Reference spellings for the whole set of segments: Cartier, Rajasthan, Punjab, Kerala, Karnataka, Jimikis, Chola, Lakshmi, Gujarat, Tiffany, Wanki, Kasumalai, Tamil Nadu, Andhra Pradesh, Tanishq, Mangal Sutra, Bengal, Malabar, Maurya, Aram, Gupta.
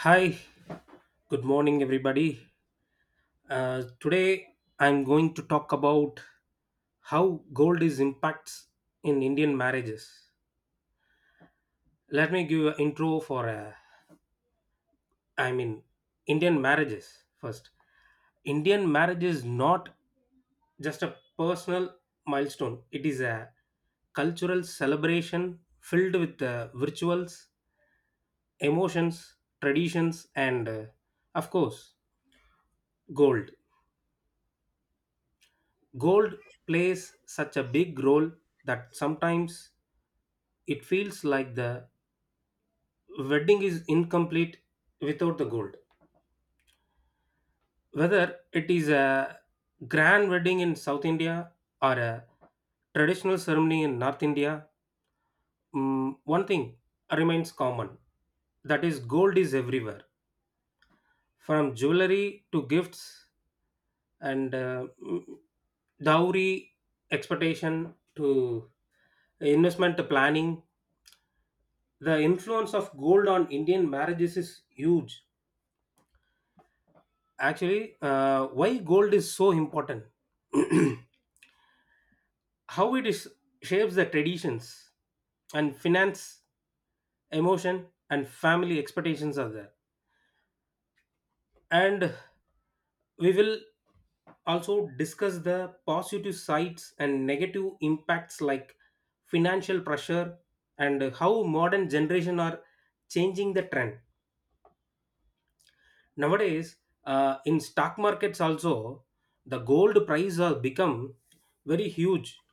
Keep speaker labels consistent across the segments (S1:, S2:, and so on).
S1: Hi, good morning, everybody. Today I'm going to talk about how gold is impacts in Indian marriages. Let me give an intro for, I mean, Indian marriages first. Indian marriage is not just a personal milestone; it is a cultural celebration filled with rituals, emotions, traditions, and of course, gold. Gold plays such a big role that sometimes it feels like the wedding is incomplete without the gold. Whether it is a grand wedding in South India or a traditional ceremony in North India, one thing remains common, that is, gold is everywhere, from jewelry to gifts and dowry expectation to investment planning, the influence of gold on Indian marriages is huge. Actually, why gold is so important, how it is shapes the traditions and finance, emotion, and family expectations are there. And we will also discuss the positive sides and negative impacts like financial pressure and how modern generation are changing the trend nowadays. In stock markets also, the gold price has become very huge.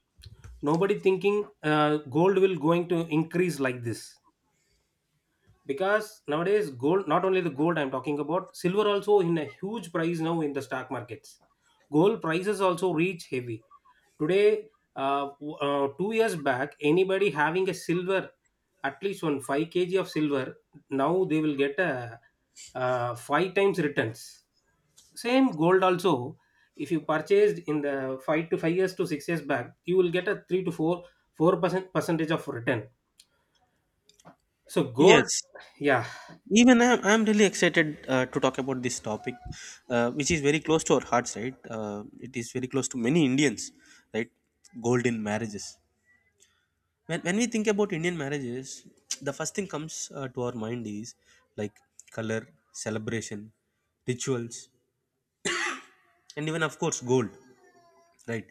S1: Nobody thinking gold will going to increase like this, because nowadays gold, not only the gold, I'm talking about silver also, in a huge price now in the stock markets. Gold prices also reach heavy today. 2 years back, anybody having a silver, at least one 5 kg of silver, now they will get a 5 times returns. Same gold also, if you purchased in the five years to 6 years back, you will get a three to four percent percentage of return. So gold,
S2: Yes,
S1: yeah,
S2: even I'm really excited to talk about this topic, which is very close to our hearts, right? It is very close to many Indians, right? Golden marriages. When we think about Indian marriages, the first thing comes to our mind is like color, celebration, rituals, and even, of course, gold, right?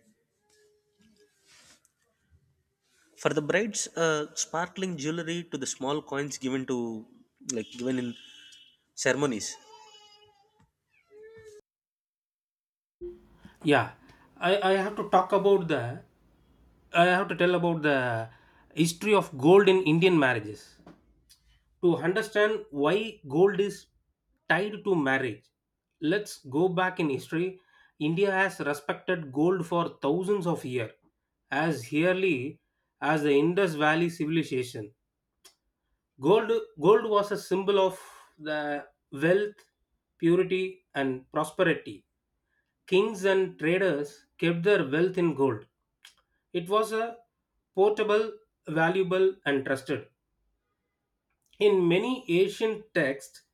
S2: For the bride's sparkling jewelry to the small coins given to, like, given in ceremonies.
S1: yeah. I, I have to talk about the I have to tell about the history of gold in Indian marriages. To understand why gold is tied to marriage, let's go back in history. India has respected gold for thousands of years, as early as the Indus Valley civilization. Gold, gold was a symbol of the wealth, purity, and prosperity. Kings and traders kept their wealth in gold. It was a portable, valuable, and trusted. In many ancient texts,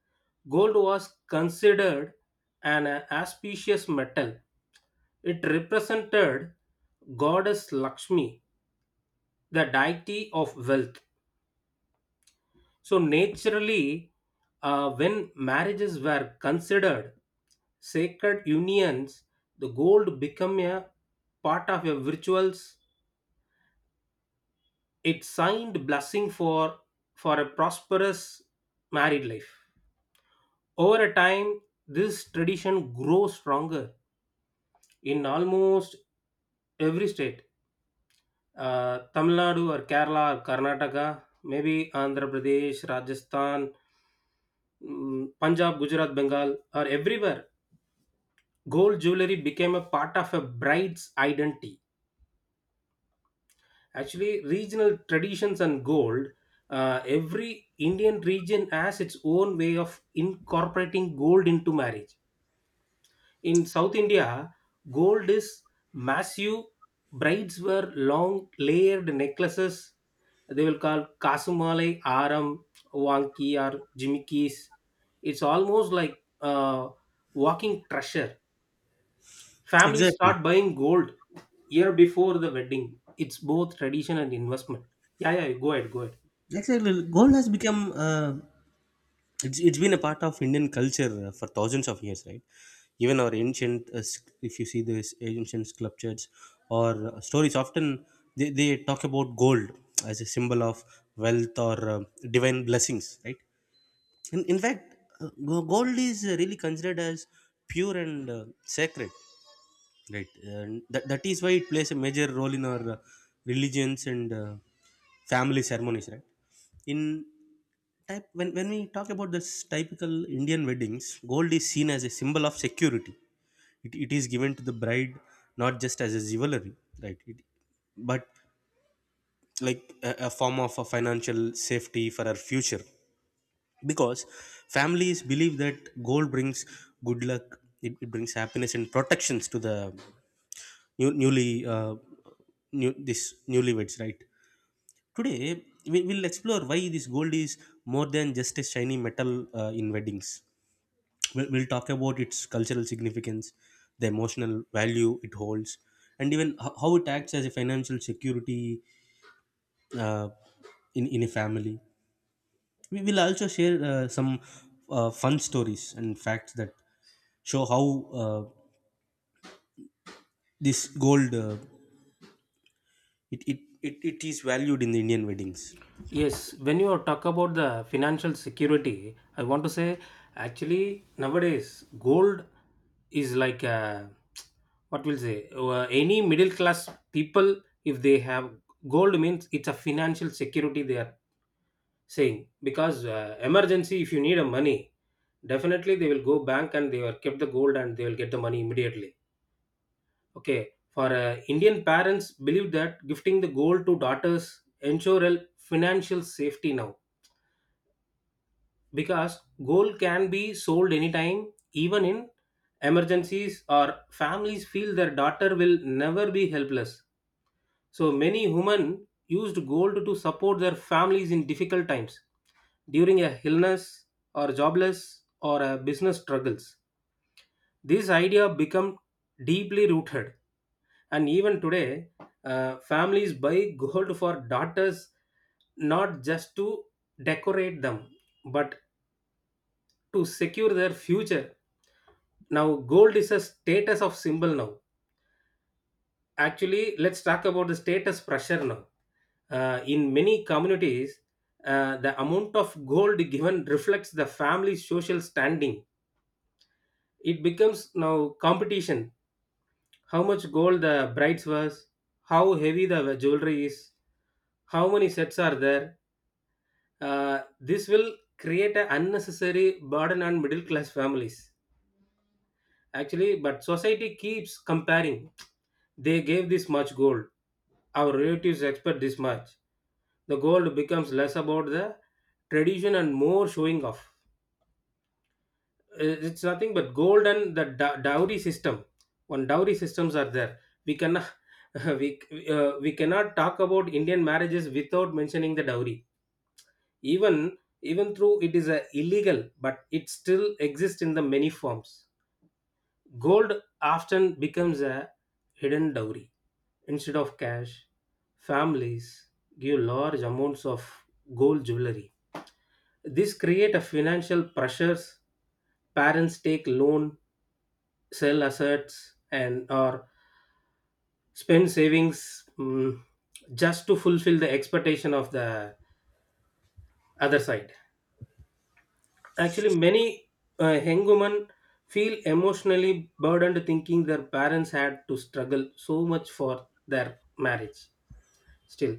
S1: gold was considered an auspicious metal. It represented goddess Lakshmi, the deity of wealth. So, naturally, when marriages were considered sacred unions, the gold became a part of a rituals. It signed blessing for a prosperous married life. Over a time, this tradition grows stronger in almost every state. Tamil Nadu or Kerala or Karnataka, maybe Andhra Pradesh, Rajasthan, Punjab, Gujarat, Bengal, or everywhere, gold jewelry became a part of a bride's identity. Actually, regional traditions and gold, every Indian region has its own way of incorporating gold into marriage. In South India, gold is massive. Brides wear long layered necklaces. They will call Kasumalai Aram, Wanki or Jimikis. It's almost like walking treasure. Families
S2: Exactly.
S1: start buying gold year before the wedding. It's both tradition and investment. Yeah, yeah, go ahead, go ahead.
S2: Exactly. Gold has become it's been a part of Indian culture for thousands of years, right? Even our ancient, if you see these ancient sculptures or stories, often they talk about gold as a symbol of wealth or divine blessings, right? And in fact, gold is really considered as pure and sacred. Right, and that is why it plays a major role in our religions and family ceremonies, right? In type When we talk about this typical Indian weddings, gold is seen as a symbol of security. It is given to the bride not just as a jewelry, right? It, but like a form of a financial safety for our future because families believe that gold brings good luck, it brings happiness and protections to the new, newly uh, new this newlyweds, right? Today we will explore why this gold is more than just a shiny metal in weddings. We'll talk about its cultural significance, the emotional value it holds, and even how it acts as a financial security uh, in a family. We will also share some fun stories and facts that show how uh, this gold it, it, it, it is valued in the Indian weddings.
S1: Yes, when you talk about the financial security, I want to say actually nowadays gold is like a, what will say, any middle class people, if they have gold means it's a financial security, they are saying. Because emergency if you need a money, definitely they will go bank and they will keep the gold and they will get the money immediately. Okay, for Indian parents believe that gifting the gold to daughters ensure a financial safety now, because gold can be sold anytime even in emergencies, or families feel their daughter will never be helpless. So many women used gold to support their families in difficult times, during a illness or jobless or a business struggles. This idea become deeply rooted, and even today, families buy gold for daughters not just to decorate them but to secure their future. Now gold is a status of symbol now. Actually, let's talk about the status pressure now. In many communities, the amount of gold given reflects the family's social standing. It becomes now competition: how much gold the brides was, how heavy the jewelry is, how many sets are there. Uh, this will create an unnecessary burden on middle class families actually. But society keeps comparing: they gave this much gold, our relatives expect this much. The gold becomes less about the tradition and more showing off. It's nothing but gold and the dowry system. One dowry systems are there, we cannot we, we cannot talk about Indian marriages without mentioning the dowry. Even even though it is illegal, but it still exists in the many forms. Gold often becomes a hidden dowry. Instead of cash, families give large amounts of gold jewelry. This create a financial pressures. Parents take loan, sell assets, and or spend savings, just to fulfill the expectation of the other side. Actually, many young women feel emotionally burdened thinking their parents had to struggle so much for their marriage. Still,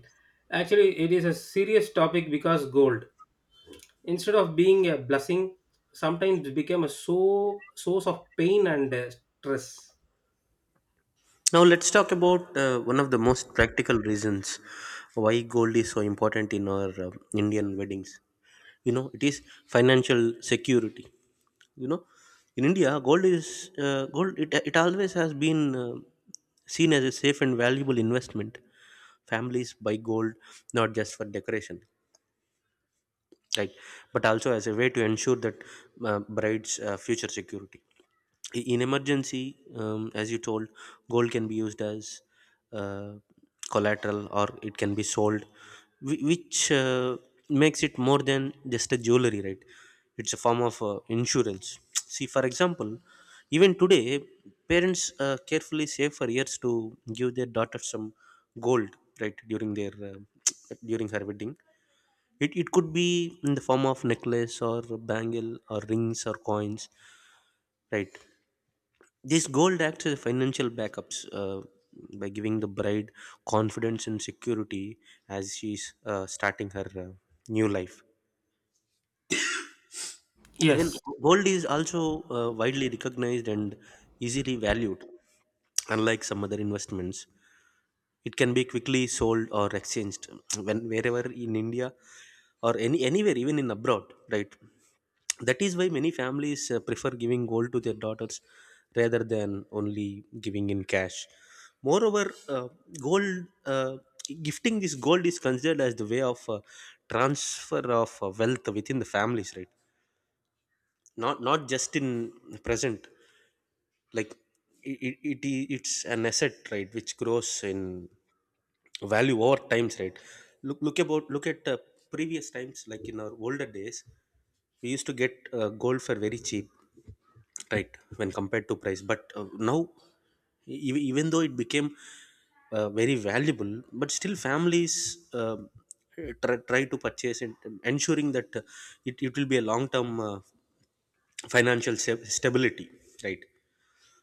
S1: actually, it is a serious topic because gold, instead of being a blessing, sometimes became a source of pain and stress.
S2: Now let's talk about one of the most practical reasons why gold is so important in our Indian weddings. You know, it is financial security. You know, in India, gold. It always has been seen as a safe and valuable investment. Families buy gold not just for decoration, right, but also as a way to ensure that bride's future security. In emergency, as you told, gold can be used as uh, collateral or it can be sold, which makes it more than just a jewelry, right? It's a form of insurance. See, for example, even today parents carefully save for years to give their daughter some gold, right, during their during her wedding. It could be in the form of necklace or bangle or rings or coins, right? This gold acts as a financial backups by giving the bride confidence and security as she's starting her new life. Even
S1: Yes,
S2: gold is also widely recognized and easily valued, unlike some other investments. It can be quickly sold or exchanged when wherever in India or anywhere, even in abroad, right? That is why many families prefer giving gold to their daughters rather than only giving in cash. Moreover, uh, gold uh, gifting this gold is considered as the way of transfer of wealth within the families, right? Not just in present, like, it's an asset, right, which grows in value over times, right? Look look about look at previous times, like in our older days we used to get gold for very cheap, right, when compared to price. But now, even though it became very valuable, but still families, um try to purchase it, ensuring that it, it will be a long term financial stability, right?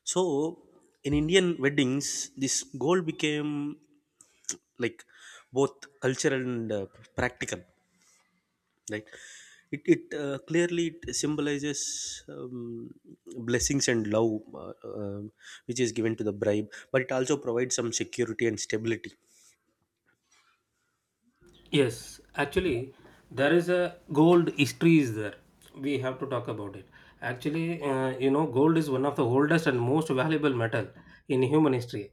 S2: So in Indian weddings, this goal became like both cultural and practical, right? It clearly it symbolizes blessings and love, um which is given to the bride, but it also provides some security and stability.
S1: yes. Actually, there is a gold history is there. We have to talk about it. Actually, you know, gold is one of the oldest and most valuable metal in human history.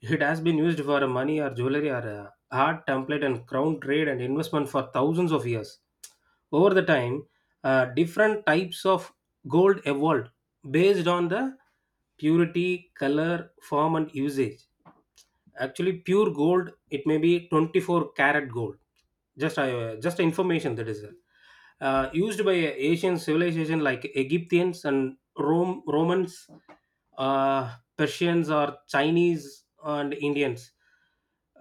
S1: It has been used for money or jewelry or art, template, and crown trade and investment for thousands of years. Over the time, different types of gold evolved based on the purity, color, form, and usage. Actually, pure gold it may be 24 karat gold. Just information that is used by Asian civilization like Egyptians and Rome Romans, Persians or Chinese and Indians.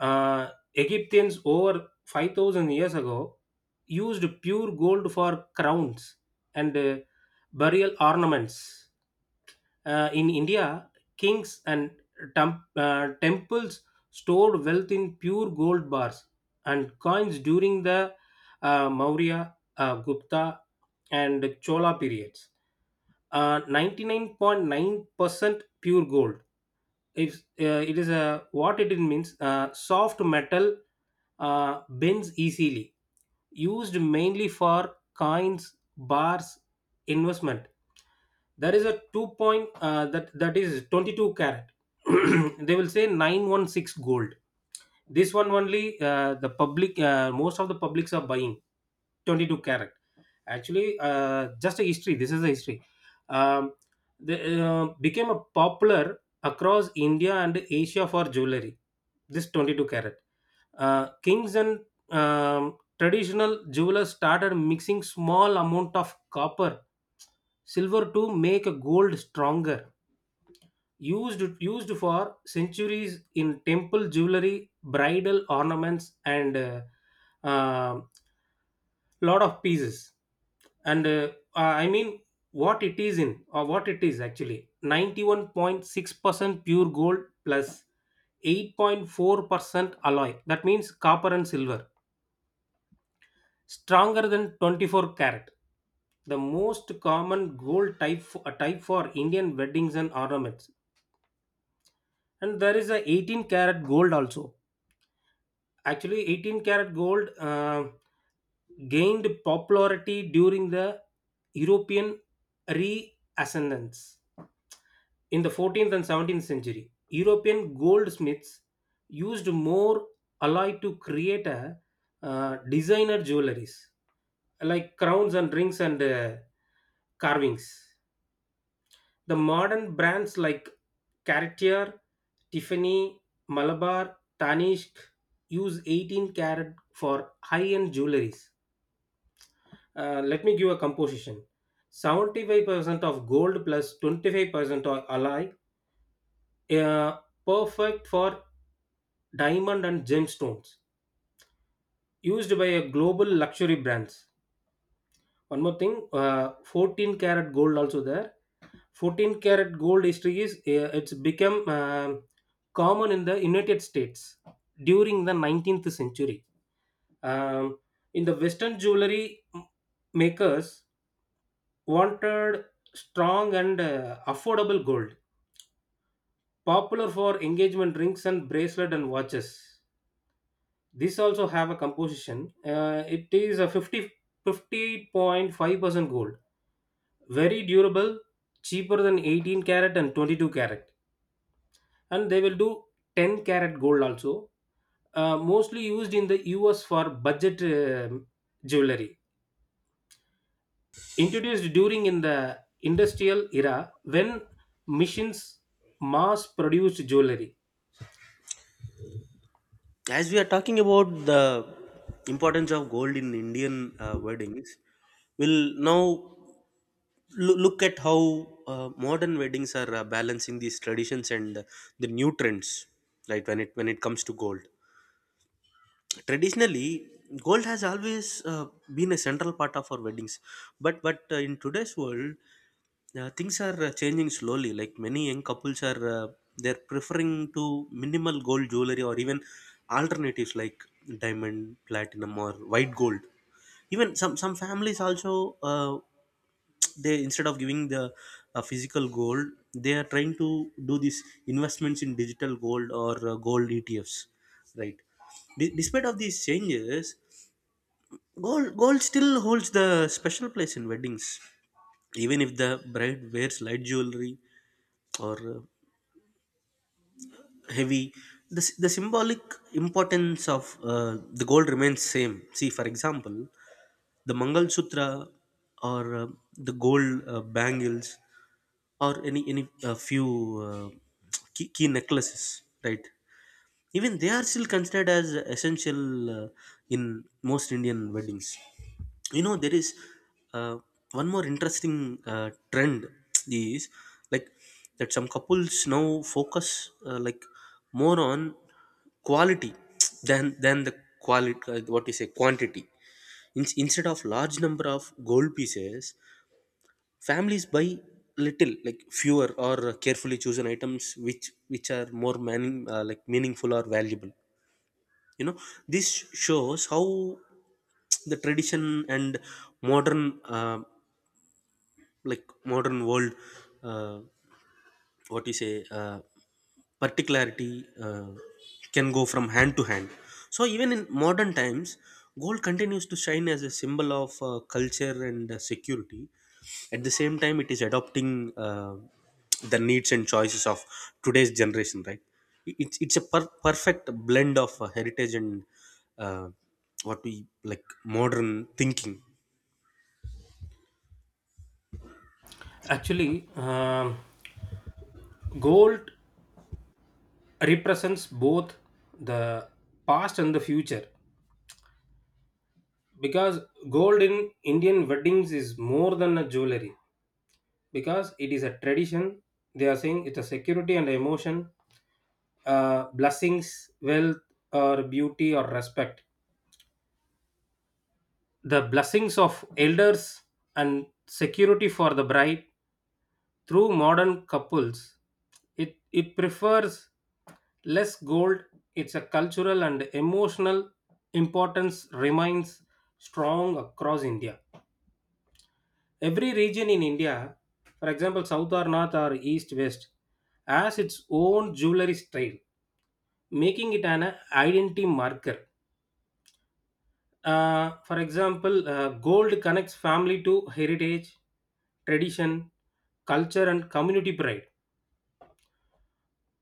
S1: Egyptians over 5,000 years ago used pure gold for crowns and burial ornaments. In India, kings and temples stored wealth in pure gold bars and coins during the Maurya, Gupta, and Chola periods. 99.9% pure gold, it is a what it means, soft metal, bends easily, used mainly for coins bars investment. There is a 2 point, that is 22 carat. They will say 916 gold. This one only, the public, most of the publics are buying 22 carat. Actually, just a history, this is a history. um, they became a popular across India and Asia for jewelry, this 22 carat. Kings and traditional jewelers started mixing small amount of copper, silver to make a gold stronger. Used for centuries in temple jewelry, bridal ornaments, and a uh, uh, lot of pieces. And I mean, what it is in or what it is, actually 91.6% pure gold, 8.4% alloy, that means copper and silver, stronger than 24 carat, the most common gold type type for Indian weddings and ornaments. And there is a 18 karat gold also. Actually, 18 karat gold gained popularity during the European reascendance in the 14th and 17th century. European goldsmiths used more alloy to create a designer jewelries like crowns and rings and carvings. The modern brands like Cartier, Tiffany, Malabar, Tanishq use 18 karat for high-end jewelries. Let me give a composition. 75% of gold plus 25% of alloy, uh, perfect for diamond and gemstones, used by a global luxury brands. One more thing, 14 karat gold also there. 14 karat gold history is, it's become common in the United States during the 19th century. Um, in the Western jewelry makers wanted strong and affordable gold, popular for engagement rings and bracelet and watches. This also have a composition. It is a 50 58.5% gold, very durable, cheaper than 18 carat and 22 carat. And they will do 10 carat gold also, mostly used in the US for budget jewelry, introduced during in the industrial era when machines mass produced jewelry.
S2: As we are talking about the importance of gold in Indian weddings, we'll now look at how modern weddings are balancing these traditions and the new trends, right? When it comes to gold, traditionally, gold has always been a central part of our weddings. But in today's world, things are changing slowly. Like many young couples are they're preferring to minimal gold jewelry or even alternatives like diamond, platinum, or white gold. Even some families also they, instead of giving the physical gold, they are trying to do these investments in digital gold or gold ETFs, right? Despite of these changes, gold still holds the special place in weddings. Even if the bride wears light jewelry or heavy, the symbolic importance of uh, the gold remains same. See for example the Mangal Sutra or the gold bangles or any few uh, key necklaces, right? Even they are still considered as essential in most Indian weddings. You know, there is uh, one more interesting trend is like that some couples now focus like more on quality than the quality what you say quantity. Instead of large number of gold pieces, families buy little, like fewer or carefully chosen items, which are more like meaningful or valuable. You know, this shows how the tradition and modern, like modern world, uh, what you say. Particularity can go from hand to hand. So even in modern times, gold continues to shine as a symbol of culture and security. At the same time, it is adopting the needs and choices of today's generation, right? It's a perfect blend of heritage and uh, what we like modern thinking.
S1: Actually, gold represents both the past and the future, because gold in Indian weddings is more than a jewelry, because it is a tradition, they are saying, it's a security and emotion, blessings, wealth or beauty or respect, the blessings of elders and security for the bride. Through modern couples, it prefers less gold, it's a cultural and emotional importance remains strong across India. Every region in India, for example, south or north or east west, has its own jewelry style, making it an identity marker. For example, gold connects family to heritage, tradition, culture, and community pride.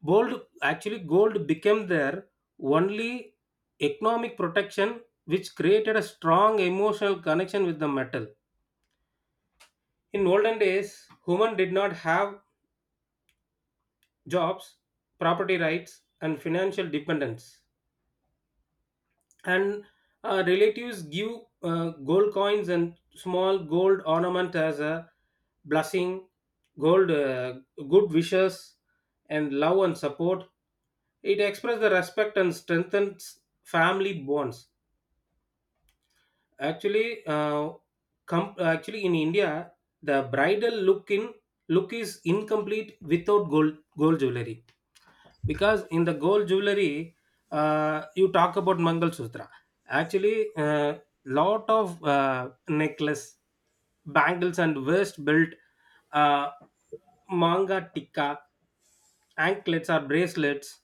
S1: Gold, actually gold became their only economic protection, which created a strong emotional connection with the metal. In olden days, women did not have jobs, property rights, and financial dependence. And relatives give gold coins and small gold ornament as a blessing, gold, good wishes, and love and support. It expresses the respect and strengthens family bonds. Actually, actually in India, the bridal look is incomplete without gold jewelry because in the gold jewelry, you talk about Mangal Sutra. Actually, lot of necklace, bangles and waist belt, uh, manga tikka, anklets or bracelets,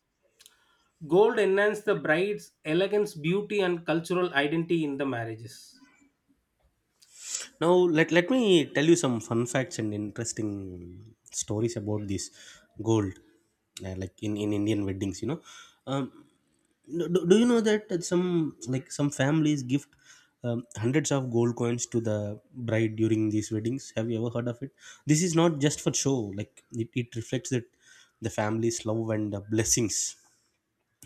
S1: gold enhance the bride's elegance, beauty and cultural identity in the marriages.
S2: Now let me tell you some fun facts and interesting stories about this gold, like in Indian weddings. You know, um, do you know that some families gift hundreds of gold coins to the bride during these weddings? Have you ever heard of it? This is not just for show. Like it reflects that the family's love and blessings.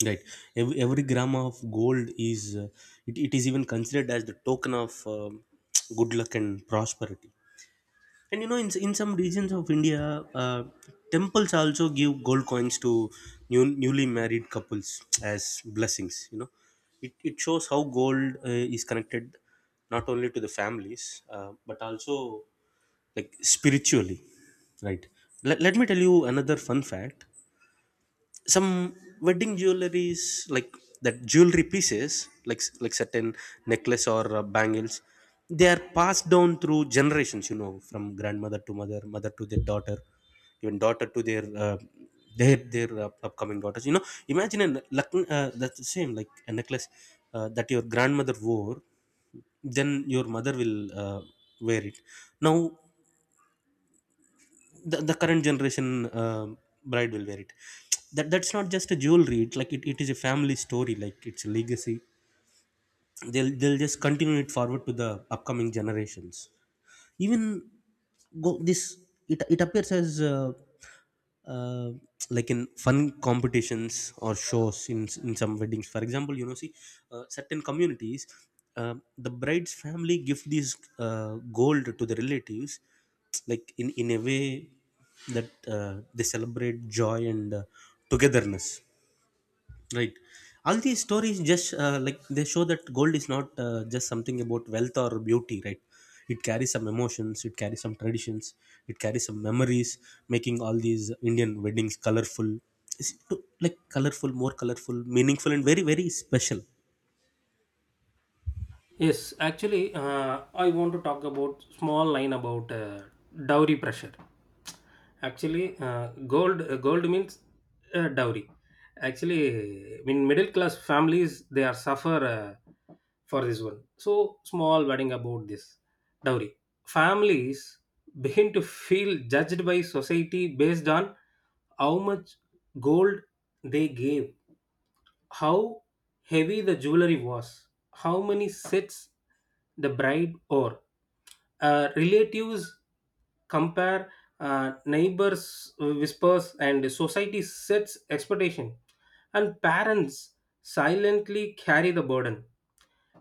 S2: Right. Every gram of gold is, it is even considered as the token of good luck and prosperity. And you know, in some regions of India, temples also give gold coins to newly married couples as blessings. You know, it shows how gold is connected not only to the families, but also like spiritually. Right. Let me tell you another fun fact. Some wedding jewelries like that jewelry pieces, like certain necklace or bangles, they are passed down through generations, you know, from grandmother to mother to their daughter, even daughter to their upcoming daughters. You know, imagine a that's the same, like a necklace that your grandmother wore, then your mother will uh, wear it, now the current generation um bride will wear it. That's not just a jewelry. It is a family story, like it's a legacy. They'll just continue it forward to the upcoming generations. Even go this it, it appears as uh, like in fun competitions or shows in some weddings. For example, you know, see, certain communities, the bride's family give these gold to the relatives, like in a way that they celebrate joy and togetherness. Right. All these stories just they show that gold is not just something about wealth or beauty, right? It carries some emotions, it carries some traditions, it carries some memories, making all these Indian weddings colorful. It's to- like colorful, more colorful, meaningful, and very, very special.
S1: Yes, actually, I want to talk about small line about dowry pressure. Actually, gold means dowry. Actually, in middle class families, they are suffer, uh, for this one. So small wedding about this dowry. Families begin to feel judged by society based on how much gold they gave, how heavy the jewelry was, how many sets the bride wore. Relatives compare, neighbors whispers, and society sets expectation, and parents silently carry the burden.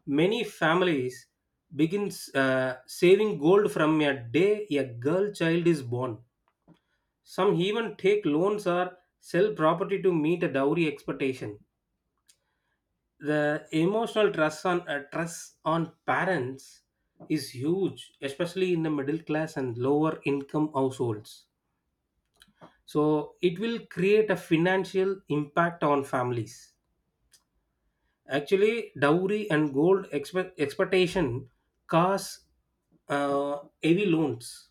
S1: Many families begin saving gold from a day a girl child is born. Some even take loans or sell property to meet a dowry expectation. The emotional trust on parents is huge, especially in the middle class and lower income households. So it will create a financial impact on families. Actually, dowry and gold expectation cause uh, heavy loans,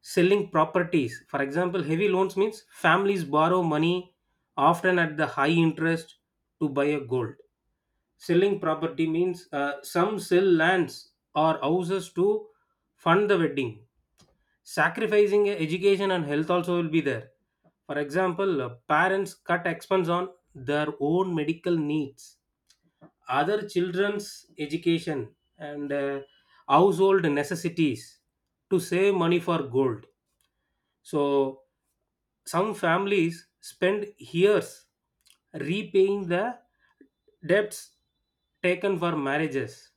S1: selling properties. For example, heavy loans means families borrow money often at the high interest to buy a gold. Selling property means some sell lands or houses to fund the wedding. Sacrificing education and health also will be there. For example, parents cut expense on their own medical needs, other children's education, and, household necessities to save money for gold. So some families spend years repaying the debts taken for marriages.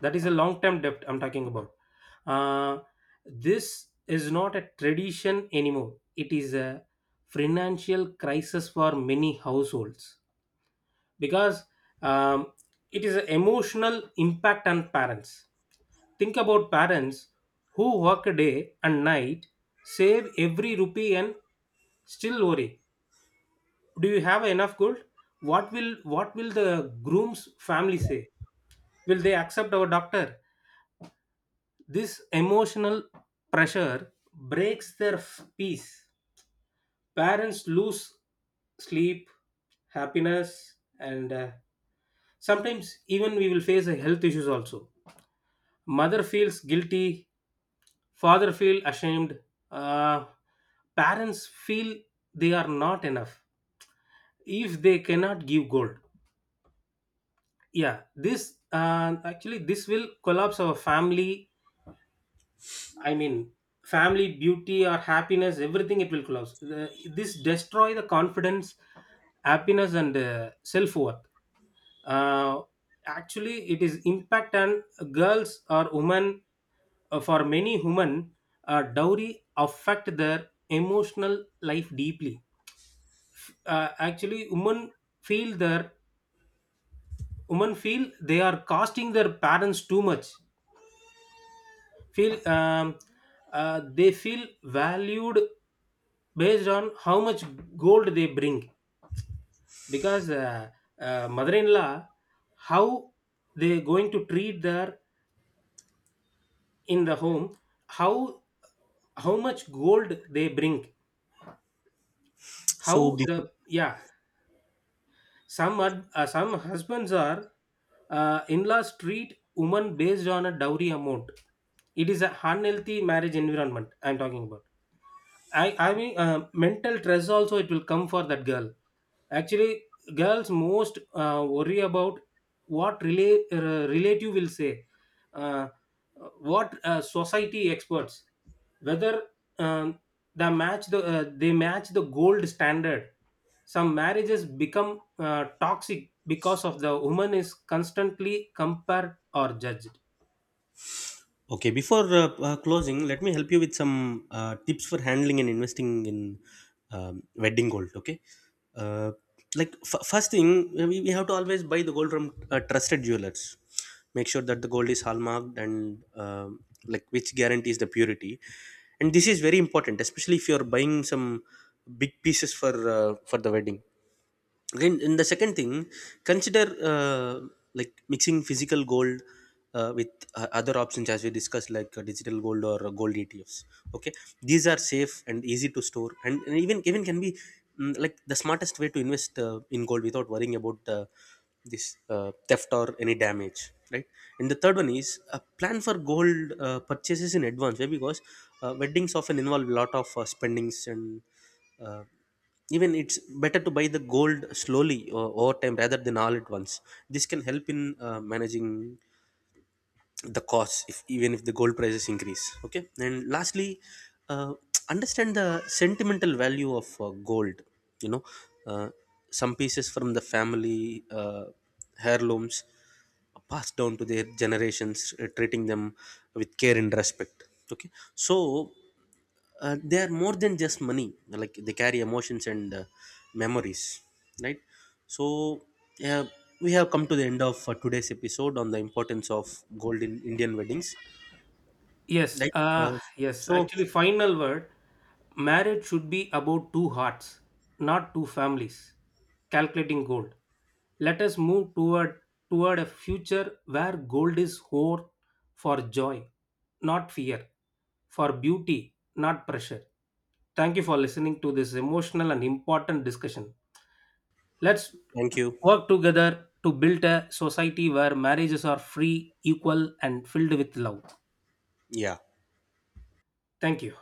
S1: That is a long term debt I'm talking about. Uh, this is not a tradition anymore, it is a financial crisis for many households because, um, it is an emotional impact on parents. Think about parents who work day and night, save every rupee and still worry. Do you have enough gold? What will the groom's family say? Will they accept our doctor? This emotional pressure breaks their peace. Parents lose sleep, happiness, and, sometimes even we will face a health issues also. Mother feels guilty, father feel ashamed, uh, parents feel they are not enough if they cannot give gold. Yeah, this actually this will collapse our family. I mean, family beauty or happiness, everything it will collapse. This destroy the confidence, happiness, and, self worth. uh, actually, it is impact on girls or women. For many women, dowry affect their emotional life deeply. Actually, feel their women feel they are costing their parents too much, feel, they feel valued based on how much gold they bring, because, mother-in-law, how they going to treat their in the home, how how much gold they bring,
S2: So,
S1: how
S2: before,
S1: the, yeah, some are, some husbands are, in-laws treat women based on a dowry amount. It is a unhealthy marriage environment I'm talking about. I mean, mental stress also it will come for that girl. Actually, girls most worry about what relative will say, uh, what society experts, whether, um, the match the, they match the gold standard. Some marriages become toxic because of the woman is constantly compared or judged.
S2: okay, before closing, let me help you with some tips for handling and investing in wedding gold. Okay, uh, first thing, we have to always buy the gold from trusted jewelers. Make sure that the gold is hallmarked and like which guarantees the purity. And this is very important, especially if you are buying some big pieces for the wedding. Again in the second thing, consider uh, like mixing physical gold with other options, as we discussed, like digital gold or gold ETFs. Okay, these are safe and easy to store, and even can be, like, the smartest way to invest in gold without worrying about this theft or any damage, right? And the third one is, plan for gold purchases in advance. Why? Because weddings often involve a lot of spendings, and uh, even it's better to buy the gold slowly or over time rather than all at once. This can help in managing the costs if even if the gold prices increase. Okay, and lastly, uh, understand the sentimental value of gold. You know, uh, some pieces from the family heirlooms passed down to their generations, treating them with care and respect. Okay, so they are more than just money, like they carry emotions and memories, right? So, yeah, we have come to the end of today's episode on the importance of gold in Indian weddings.
S1: Yes,
S2: Right,
S1: yes.
S2: so
S1: Actually, final word, marriage should be about two hearts, not two families. Calculating gold. Let us move toward a future where gold is hoard for joy, not fear, for beauty, not pressure. Thank you for listening to this emotional and important discussion. Let's
S2: thank you.
S1: work together to build a society where marriages are free, equal, and filled with love.
S2: Yeah.
S1: Thank you.